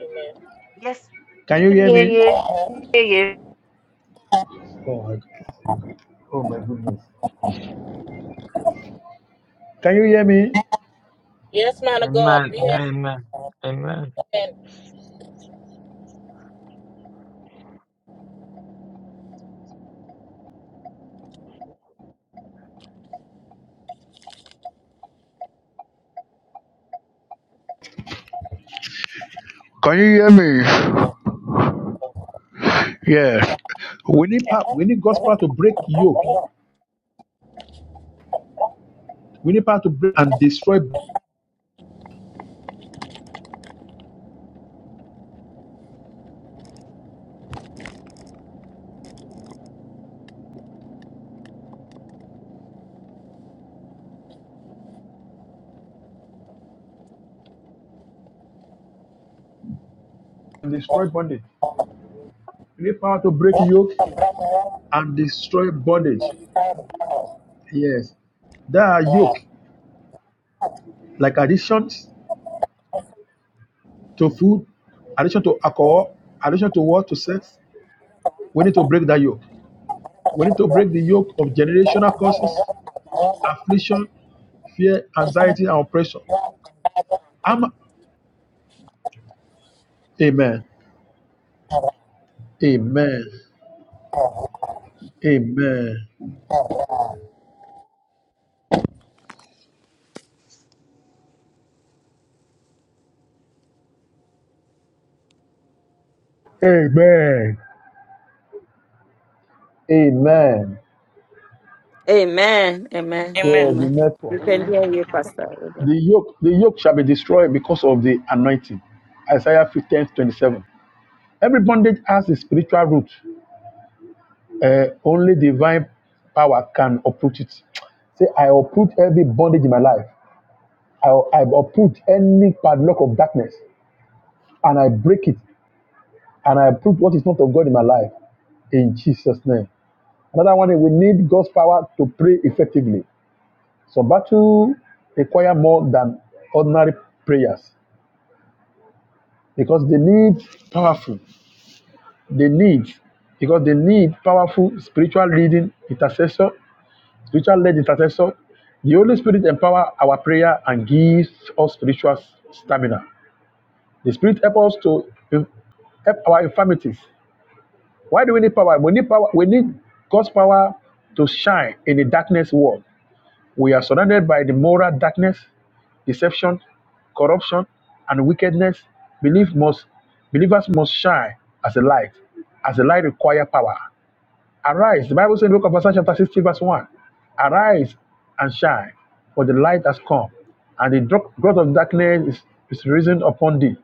Amen.
Yes,
Can
we
you
can
hear
hear
me?
you. Hear you.
Oh my, oh my goodness. Can you hear me?
Yes, man of God,
Amen.
we have
Amen. Amen.
Can you hear me? We need power. We need God's power to break yoke. We need power to break and destroy and destroy bondage. We need power to break yoke and destroy bondage. Yes, there are yoke like addictions. to food, addiction to alcohol, addiction to what? To sex. We need to break that yoke. We need to break the yoke of generational causes, affliction, fear, anxiety, and oppression. I'm, amen. Amen. Amen. Amen. Amen.
Amen.
Yeah,
Amen.
the
Amen.
Amen.
network.
We can hear you, Pastor.
The yoke, the yoke shall be destroyed because of the anointing. Isaiah 15 27. Every bondage has a spiritual root. Eh, only divine power can uproot it. Say, I uproot every bondage in my life. I, I uproot any padlock of darkness and I break it and I uproot what is not of God in my life in Jesus' name. Another one, is we need God's power to pray effectively. So battle require more than ordinary prayers because they need powerful, they need because they need powerful spiritual leading, intercessor, spiritual led intercessor. The Holy Spirit empower our prayer and gives us spiritual stamina. The Spirit helps us to help our infirmities. Why do we need power? We need power. We need God's power to shine in the darkness world. We are surrounded by the moral darkness, deception, corruption, and wickedness. Believe must, believers must shine as a light, as a light requires power. Arise. The Bible says in the book of Isaiah chapter 60, verse 1. Arise and shine, for the light has come, and the dro- growth of darkness is, is risen upon thee.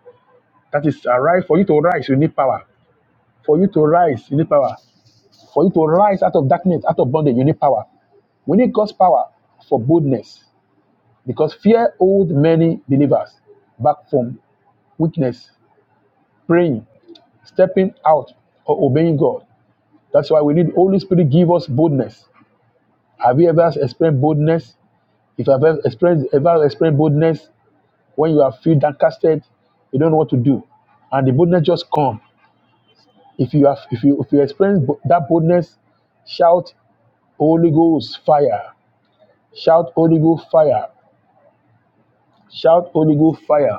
That is, arise. For you to rise, you need power. For you to rise, you need power. For you to rise out of darkness, out of bondage, you need power. We need God's power for boldness, because fear holds many believers back from weakness, praying, stepping out, or obeying God. That's why we need Holy Spirit give us boldness. Have you ever experienced boldness? If you have ever experienced, ever experienced boldness, when you are feel downcasted, you don't know what to do, and the boldness just come. If you have, if you if you experience bo- that boldness, shout Holy Ghost fire! Shout Holy Ghost fire! Shout Holy Ghost fire!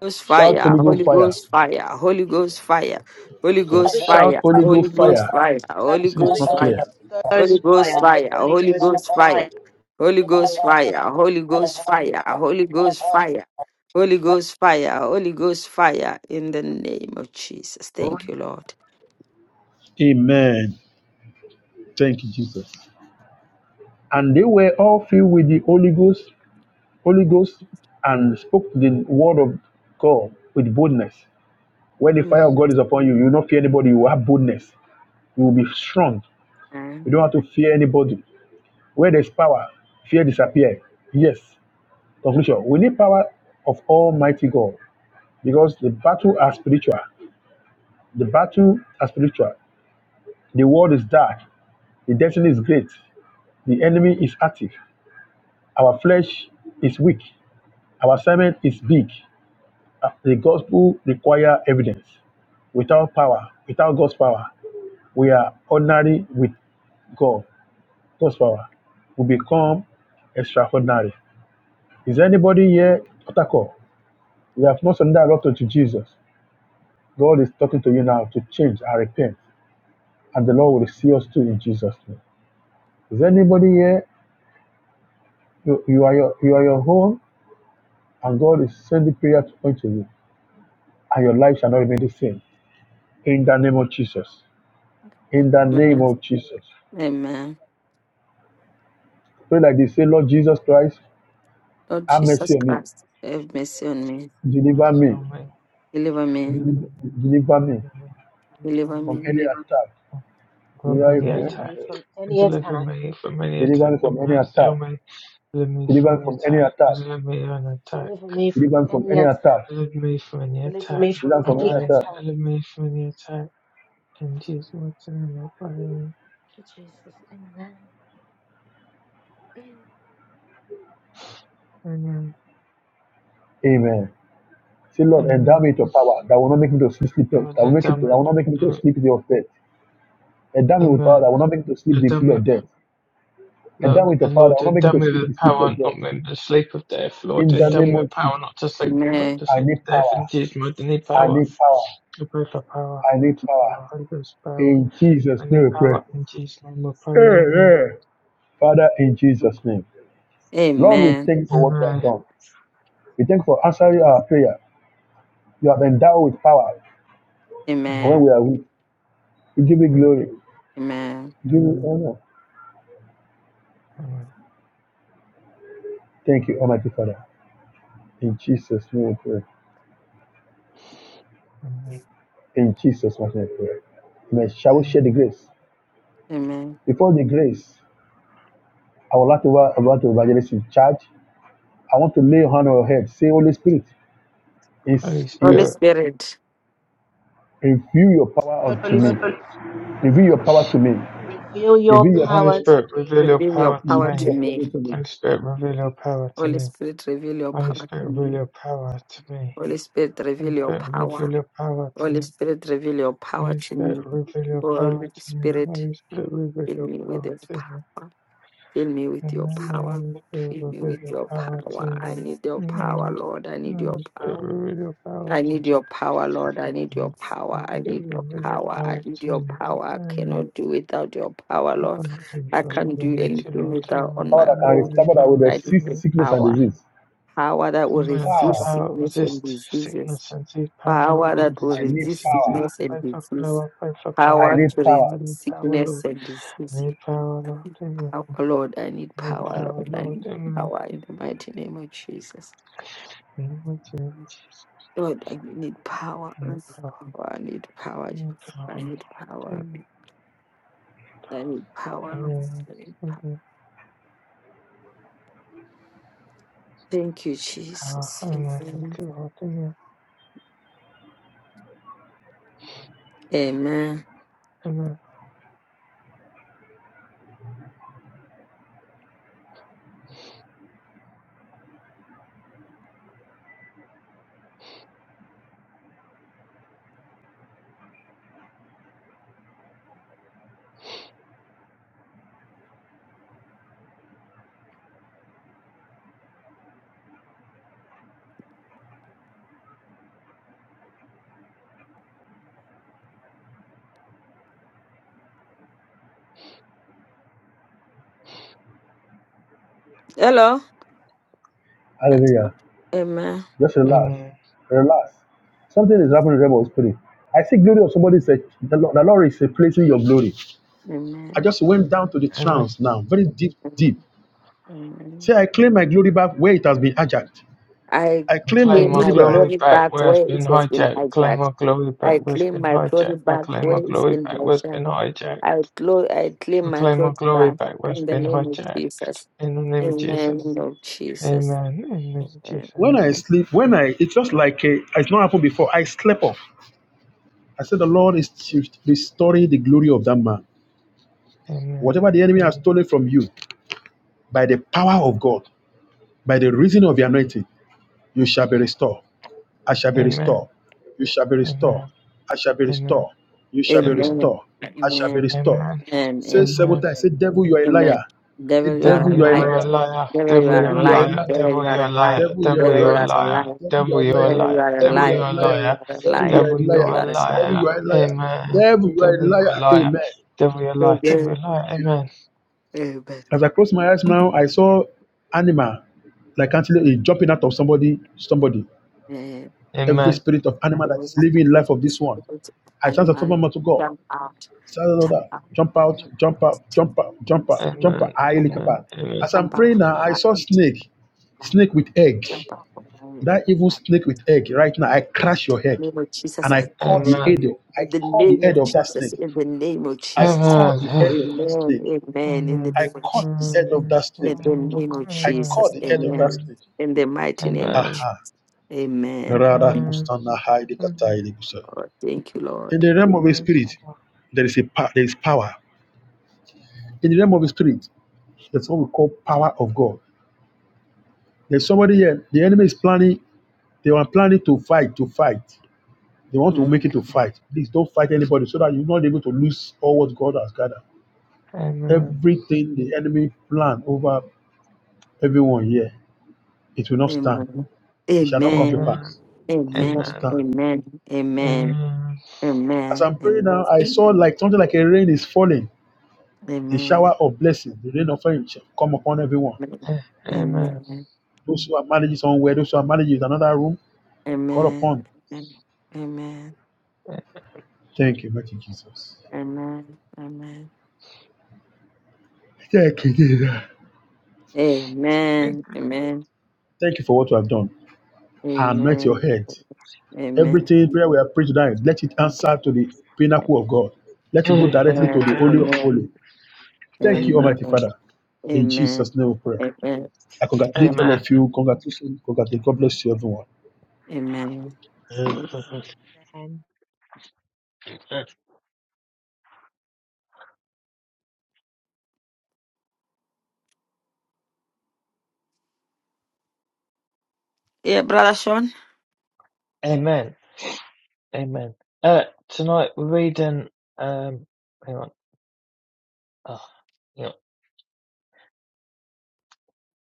Ghost
Shout
fire,
Holy Ghost
Holy
fire!
Ghost fire, Holy Ghost fire, Holy
Okay.
Ghost
Shout
fire,
Holy
Holy
Ghost
Ghost
fire!
fire, Holy
Listen, it's
Holy
Ghost
not
Ghost,
clear.
fire,
Holy
Holy
Ghost
Ghost
Holy
fire.
Ghost,
fire,
Holy
Holy
Ghost
Ghost fire,
fire.
Holy
Holy
Ghost
Ghost,
fire, Holy Ghost fire, Holy Ghost fire, Holy Ghost fire, Holy Ghost fire, in the name of Jesus. Thank you, Lord.
Amen. Thank you, Jesus. And they were all filled with the Holy Ghost, Holy Ghost, and spoke the word of God with boldness. When the fire of God is upon you, you will not fear anybody. You will have boldness. You will be strong. You
Amen.
don't have to fear anybody. Where there's power, fear disappears. Yes. Conclusion. We need power of Almighty God because the battle are spiritual. The battle are spiritual. The world is dark. The destiny is great. The enemy is active. Our flesh is weak. Our assignment is big. Uh, The gospel require evidence. Without power, without God's power, we are ordinary with God. horsepower will become extraordinary. Is anybody here, Otako? We have not surrendered our love to Jesus. God is talking to you now to change and repent, and the Lord will see us too in Jesus' name. Is anybody here? You, you are your you are your home, and God is sending prayer to point to you, and your life shall not remain the same. In the name of Jesus. In the name
Amen.
of Jesus.
Amen.
Pray like this. Say, Lord Jesus Christ,
Lord
have mercy
Jesus
on me.
Christ, have mercy on me.
Deliver
Mercy
me.
on me.
Deliver me.
Deliver
Deliver,
me.
deliver me
Deliver me. Deliver
Deliver
from
me.
me.
any attack
From any
Deliver
Deliver
attack.
me from any
Deliver
attack.
me from any attack. The
from any
mercy on
attack.
me. Deliver me
Deliver
from any
from any
attack.
attack.
Deliver me from an attack.
Deliver me from
Deliver from any attack. Deliver from
any
any
attack.
attack.
Deliver me from the
Deliver
attack.
me from
Deliver
I
from any
any
pray.
attack.
attack.
Deliver me from the attack. In Jesus' mighty name, I pray.
Thank you, Jesus. Amen.
Amen.
Amen. Say, Lord, endow me
Amen.
with your power that will not make me to sleep, sleep that
Lord,
will make
endow
it.
me.
that will not make me to
with-
sleep the day of death. Endow me with power that
Amen.
will not make me to sleep the
Endow
sleep
me.
of
with-
death. Endow me
Lord,
with your
and
power that
Lord,
will not make
endow
me to
me
sleep
with
the sleep
power
of
not
death.
to the sleep of death. Lord,
In the
endow
name
me with
of Jesus,
power not to sleep but
Amen.
the
I
sleep
need
of death. In
power.
Jesus' mighty name,
I
power.
need power.
I pray for power. I
I
pray
need
for
power.
power. Holy Ghost power.
In Jesus'
I need
name we pray.
power. In Jesus' name, we pray. Amen.
Amen. Father, in Jesus' name. Lord, we
Amen.
thank you for what you have
Amen.
done. We thank you for answering our prayer. You have endowed with power
Amen.
when
Amen.
we are weak. We give you
Amen.
glory.
Amen.
We give you honor.
Amen.
Thank you, Almighty Father. In Jesus' name we pray.
Amen.
In Jesus' mighty name we pray. Amen. Shall we share the
Amen.
grace?
Amen.
Before the grace, I would like to wa- I like to evangelist in charge. I want to lay a hand on your head. Say, Holy Spirit, is
Holy
in,
Holy
Spirit,
Spirit,
reveal your power unto
Holy
me.
Spirit,
Reveal your power to me.
reveal your
Reveal your
Holy
power
presence.
to
Spirit, reveal
me.
your
reveal your
power to
power
Reveal
to
your
me.
presence
me.
to me.
Holy Spirit, reveal your power to
Holy
me.
Spirit, reveal your
Holy
power to
Spirit, reveal
me.
your power to me.
Holy Spirit,
Holy
reveal your
Spirit, reveal
power.
your power to
Holy
me.
Spirit, reveal your power
Holy
to
Spirit,
me.
reveal your power
Holy
to me.
Spirit,
Holy Spirit, reveal
fill
your
me with
power
your
to me.
power. Fill me with your
Amen.
power,
Holy
Lord.
Spirit,
Fill me
reveal
with
your
your
power to
power. I
me.
need your power,
Amen.
Lord. I need
Holy
your
Spirit,
power.
reveal your power
I
to
need your power, Lord. I need
me.
your power.
Holy
I
Spirit,
need your
reveal your
power. I
power
need
to
your power. I
me.
cannot do without your power,
Lord
Lord.
God, not to be
I
felt.
can't
We
do
need you,
anything
Lord.
without
Amen.
on
Power
my
that can
In
own.
your
restore that will
Lord.
power,
I need
resist
your
amen.
sickness and
power.
disease.
Power that will
Amen. Have
Power.
resist
power
sickness and
resist
diseases.
sickness and disease. Power that
Power that
resists
will
I need
sickness
resist
and
power.
disease.
sickness and
Pray for
disease.
power. Pray for
I
Power
power.
need
to
power.
Power. I Need
resist
power, Lord.
sickness and
I
disease.
Need power,
I
Lord.
need
Amen.
power, Lord. I need
I Need
power,
power,
Lord. I
Lord.
need
Amen.
power in the mighty name of Jesus.
In the mighty name of Jesus.
Lord, I need power.
I Need power.
I need power. I need power.
I Need
Jesus.
power.
I need power.
Amen.
I need power, Lord.
Amen.
I need power.
Amen.
Thank you,
Power.
Jesus.
Amen. Thank
Amen.
you, Lord. Amen.
Amen.
Amen.
Hello.
Hallelujah.
Amen.
Just relax.
Amen.
Relax. Something is happening to Rebel Spirit. I see glory of somebody said, the Lord, the Lord is replacing your glory. I
Amen.
just went down to the
Amen.
trance now, very deep, deep. See,
Amen.
I claim my glory back where it has been hijacked.
I
I
I
claim my
claim
claim
my
glory
my
back.
glory
glory
back
back
where it's
where
been
it has been
hijacked. I claim
hijacked.
my glory back
I
where it's
claim
been
my
hijacked.
glory
I
back
claim
where
my
it's
glory
been
back where it's been
hijacked. I,
hijacked.
glo- I
I
claim my
claim my
glory
glory
back
back where it's
in the
been
name of
hijacked.
Jesus.
In the name of
Amen.
Jesus.
Lord Jesus.
Amen. In the name of Jesus.
When
Amen.
Amen.
I sleep, when I, it's just like a, it's not happened before. I slept off. I said, the Lord is restoring the glory of that man.
Amen.
Whatever the enemy has stolen from you, by the power of God, by the reason of the anointing, you shall be restored. I shall be restored.
Amen.
You shall be restored.
Amen.
I shall be
Amen.
restored. You shall be
Amen.
Amen.
restored. I shall be
Amen.
restored.
Amen.
And
Say
amen.
Amen.
several times, say, Devil, you are a liar.
amen.
Say,
Devil, you are
Devil,
Devil, you are
you're
a
alive.
a
liar.
liar.
Devil, you
Devil, you're
are
Devil,
a
you are a
alive.
liar.
liar.
Devil, you
Devil, you're
are
a liar.
alive.
Devil, you are
Devil,
a
Devil,
you're
you
a
liar.
are
liar.
alive.
Devil, you
Devil,
are a
you're a
liar.
Devil, you
liar.
are
Devil,
Devil, you are
you're
a
alive.
a
liar.
Devil, you
liar.
are
Devil, you
alive.
are
Devil,
a
you're
Devil,
liar.
you
a
are
Devil,
alive.
you
liar.
are a liar.
Amen.
Devil, you are a
Devil, you're a
liar.
liar.
Amen.
Devil, you're a liar. Devil,
Amen.
you're a liar.
Amen.
As I closed my eyes now, I saw animal like antelope is jumping out of somebody, somebody. Every
Amen.
spirit of animal that is living in life of this one.
Amen.
I transfer to
Animal,
over to God.
jump out. Jump
Shalala,
out.
Jump out, jump out, jump out,
Jump
jump out, jump out.
Amen.
I
out.
Amen.
helicopter. As I'm
Jump
praying
out.
now, I saw snake, snake with egg.
Jump
That evil
out.
snake with egg. Right now, I crush your
In the
head,
name of
and
Jesus,
I
I
call
touch
the
it.
head.
Amen.
of- I
In the
call the
name
head
of
of that
Jesus,
snake.
in the name of
I
Jesus.
call the
Amen.
head of that
Amen,
snake.
amen, in the
Amen.
I
name of
caught the
Jesus.
Amen.
head of
In
that snake.
the name of
I caught
Jesus,
the head of that
amen.
snake.
In the mighty name of Jesus,
Aha.
amen.
Rara
Amen. Amen.
kustana haide
Amen.
katai ligusa.
Oh, thank you,
In
Lord.
the realm of the
Amen.
spirit, there is a pa- there is power. In the realm of the spirit, that's what we call power of God. There's somebody here. The enemy is planning. They are planning to fight. To fight. They want to make
Mm.
it to fight. Please don't fight anybody, so that you're not able to lose all what God has gathered.
Amen. Amen.
Everything the enemy plan over everyone here, it will not stand.
Amen.
It shall not come to
Amen.
Amen. Amen.
pass.
Amen.
Not
Amen.
stand.
Amen. Amen.
Amen.
Amen.
As
Amen.
I'm praying now, I saw
Amen.
like something like a rain is falling. The shower
Amen.
of blessing, the rain of fire shall come upon everyone.
Eh, Amen.
Amen.
Those who are managing somewhere, those who are managing in another room, call
Amen.
upon.
Amen.
Eh,
Thank you, mighty Jesus.
Amen. Amen.
Thank you, Jesus.
eh,
Amen. Amen.
Thank you for what you have done. anoint your
Amen.
head.
Amen. Amen.
Everything prayer we have prayed tonight, let it answer to the pinnacle of God. Let it go
Amen.
directly to the
Amen.
Holy of
Amen.
Holy. Thank you,
Amen.
Almighty Father. In
Amen.
Jesus' name we pray.
Amen.
I congratulate
Amen.
all of you. Congratulations. Congratulations. God bless you, everyone.
Amen.
Amen.
Yeah, brother Sean.
Amen. Amen. Uh, tonight we're reading. Um, hang on. Oh, you know,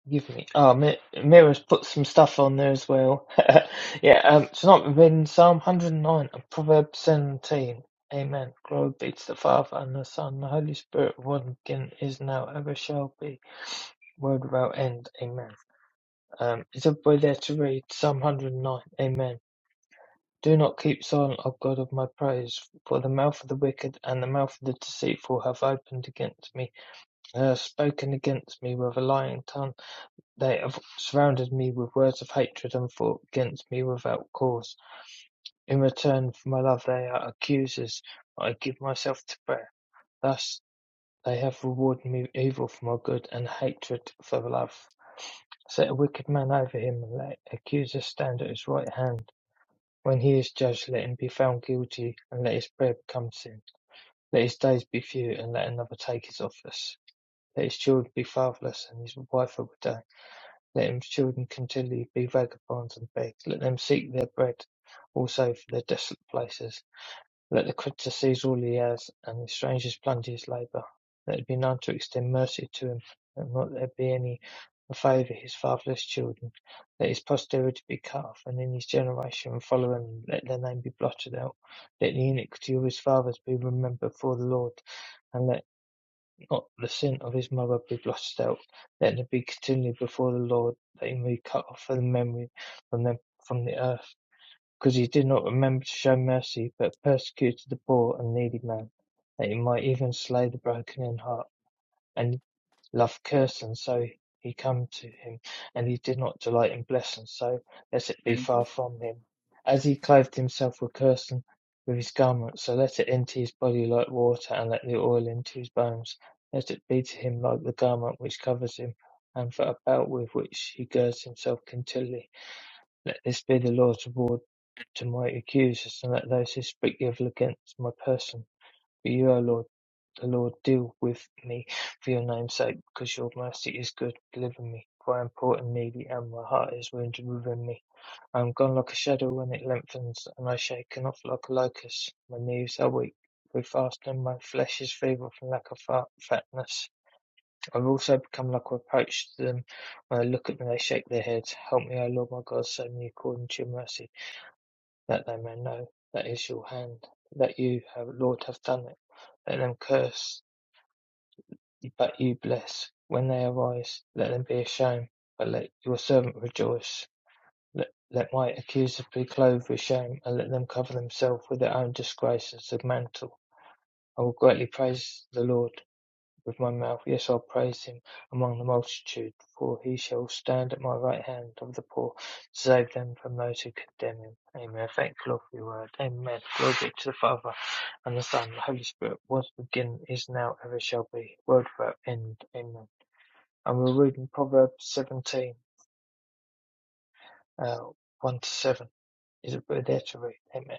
give me. Oh, Mi- Mira's put some stuff on there as well. yeah. Um, tonight we're reading Psalm 109 and Proverbs 17. Amen. Glory be to the Father and the Son and the Holy Spirit. One again is now, ever shall be, world without end. Amen. Isn't we there to read Psalm 109? Amen. Do not keep silent, O God of my praise, for the mouth of the wicked and the mouth of the deceitful have opened against me, They have spoken against me with a lying tongue. They have surrounded me with words of hatred and fought against me without cause. In return for my love they are accusers, but I give myself to prayer. Thus they have rewarded me evil for my good, and hatred for love. Set a wicked man over him, and let accusers stand at his right hand. When he is judged, let him be found guilty, and let his prayer become sin. Let his days be few, and let another take his office. Let his children be fatherless, and his wife a widow. Let his children continually be vagabonds and beg. Let them seek their bread also for their desolate places. Let the creditor seize all he has, and the strangers plunder his labour. Let it be known to extend mercy to him, and not let there be any favour his fatherless children. Let his posterity be cut off, and in his generation following let their name be blotted out. Let the iniquity of his fathers be remembered before the Lord, and let not the sin of his mother be blotted out. Let them be continually before the Lord, that he may cut off the memory from them from the earth. Because he did not remember to show mercy, but persecuted the poor and needy man, that he might even slay the broken in heart, and loved cursing, so he come to him, and he did not delight in blessing, so let it be far from him. As he clothed himself with cursing with his garment, so let it into his body like water, and let the oil into his bones. Let it be to him like the garment which covers him, and for a belt with which he girds himself continually let this be the Lord's reward to my accusers, and let those who speak evil against my person. But you, O Lord, the Lord, deal with me for your name's sake, because your mercy is good. Deliver me, for I am poor and needy, and my heart is wounded within me. I am gone like a shadow when it lengthens, and I shake off like a locust. My knees are weak with fasting, my flesh is feeble from lack of fat, fatness. I have also become like a reproach to them. When I look at them, they shake their heads. Help me, O Lord my God, save me according to your mercy that they may know that is your hand, that you, have, Lord, have done it. Let them curse, but you bless. When they arise, let them be ashamed, but let your servant rejoice. Let, let my accusers be clothed with shame, and let them cover themselves with their own disgrace as a mantle. I will greatly praise the Lord with my mouth. Yes, I'll praise him among the multitude, for he shall stand at my right hand of the poor, to save them from those who condemn him. Amen. Thank you, Lord, for your word. Amen. Glory be to the Father, and the Son, and the Holy Spirit, was beginning, is now, ever shall be, world without end. Amen. And we're reading Proverbs 17, uh, 1 to 7. Is it there to read? Amen.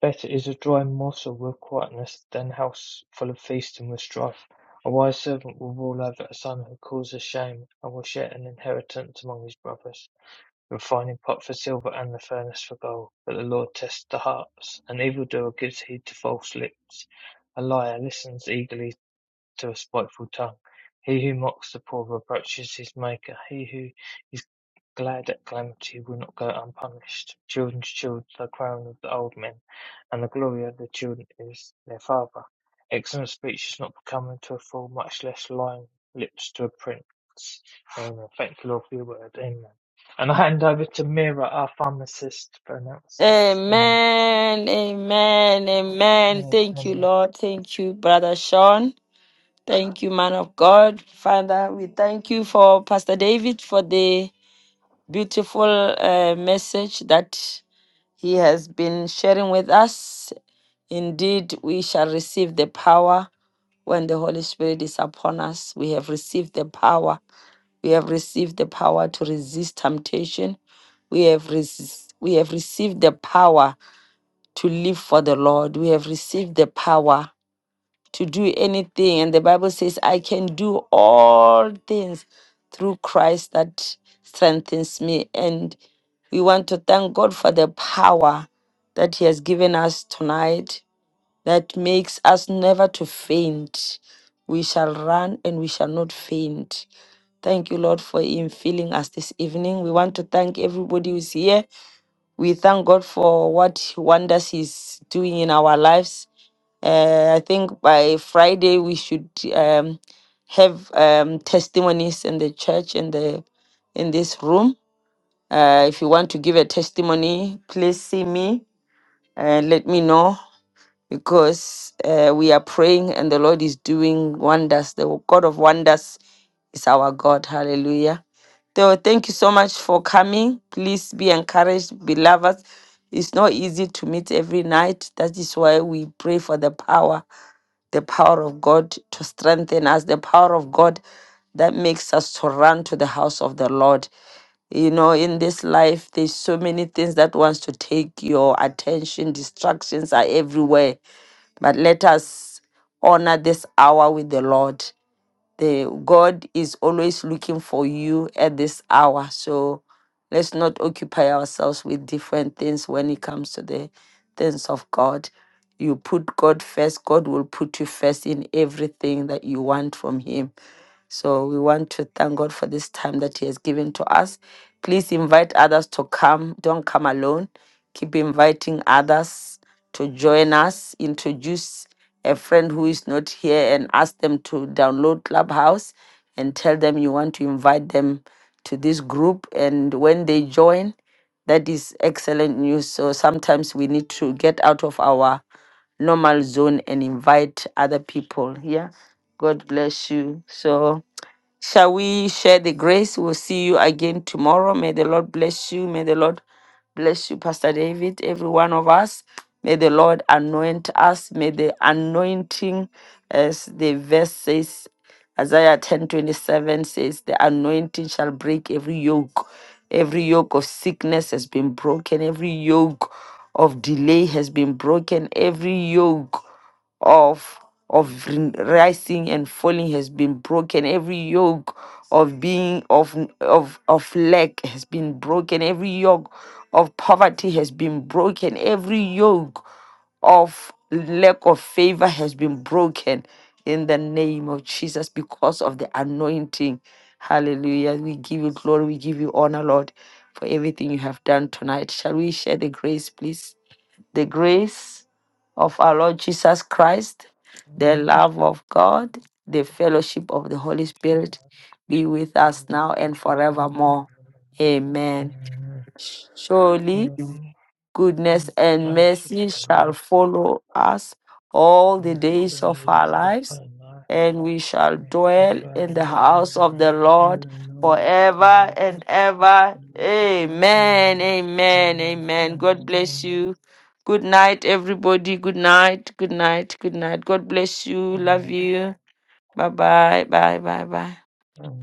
Better is a dry morsel with quietness than a house full of feasting with strife. A wise servant will rule over a son who causes shame, and will share an inheritance among his brothers. The refining pot for silver and the furnace for gold. But the Lord tests the hearts. An evildoer gives heed to false lips. A liar listens eagerly to a spiteful tongue. He who mocks the poor reproaches his Maker. He who is glad at calamity will not go unpunished. Children's children, the crown of the old men, and the glory of the children is their father. Excellent speech is not becoming to a fool, much less lying lips to a prince. Amen. Thank you, Lord, for your word. Amen. And I hand over to Mira, our pharmacist, for announcements. Amen.
Amen. Amen. Amen.
Amen.
Thank you, Lord. Thank you, brother Sean. Thank you, man of God. Father, we thank you for Pastor David for the beautiful uh, message that he has been sharing with us. Indeed, we shall receive the power when the Holy Spirit is upon us. We have received the power. We have received the power to resist temptation. We have res- we have received the power to live for the Lord. We have received the power to do anything. And the Bible says, I can do all things through Christ that strengthens me. And we want to thank God for the power that He has given us tonight that makes us never to faint. We shall run and we shall not faint. Thank you, Lord, for infilling us this evening. We want to thank everybody who's here. We thank God for what wonders He's doing in our lives. Uh, I think by Friday we should um, have um, testimonies in the church in the in this room. Uh, if you want to give a testimony, please see me and let me know because uh, we are praying and the Lord is doing wonders. The God of wonders is our God. Hallelujah. So thank you so much for coming. Please be encouraged, beloved. It's not easy to meet every night. That is why we pray for the power, the power of God to strengthen us, the power of God that makes us to run to the house of the Lord you know in this life there's so many things that wants to take your attention distractions are everywhere but let us honor this hour with the Lord. The God is always looking for you at this hour. So let's not occupy ourselves with different things when it comes to the things of God. You put God first, God will put you first in everything that you want from Him so we want to thank God for this time that He has given to us. Please invite others to come. Don't come alone. Keep inviting others to join us. Introduce a friend who is not here and ask them to download Clubhouse and tell them you want to invite them to this group. And when they join, that is excellent news. So sometimes we need to get out of our normal zone and invite other people. Yeah. God bless you. So. Shall we share the grace? We'll see you again tomorrow. May the Lord bless you. May the Lord bless you, Pastor David, every one of us. May the Lord anoint us. May the anointing, as the verse says, Isaiah ten twenty seven says, The anointing shall break every yoke. Every yoke of sickness has been broken. Every yoke of delay has been broken. Every yoke of of rising and falling has been broken every yoke of being of of of lack has been broken every yoke of poverty has been broken every yoke of lack of favor has been broken in the name of Jesus because of the anointing hallelujah we give you glory we give you honor lord for everything you have done tonight shall we share the grace please the grace of our Lord Jesus Christ,
Amen.
the love of God, the fellowship of the Holy
Mercy
Spirit be with us now and forevermore. Amen. Surely goodness and mercy
for
shall
us,
follow us all the
all the
days of our
days of
lives,
our life,
and we shall
mercy
dwell
burn
in the
and
house of the
night,
Lord
and Lord,
forever
forever.
and ever.
Amen.
Amen.
Amen.
Amen.
Amen.
Amen. God bless
Amen.
you. Good night, everybody. Good night. Good night. Good night. God bless you. Love
Amen.
you. Bye bye. Bye bye. Bye.
Amen.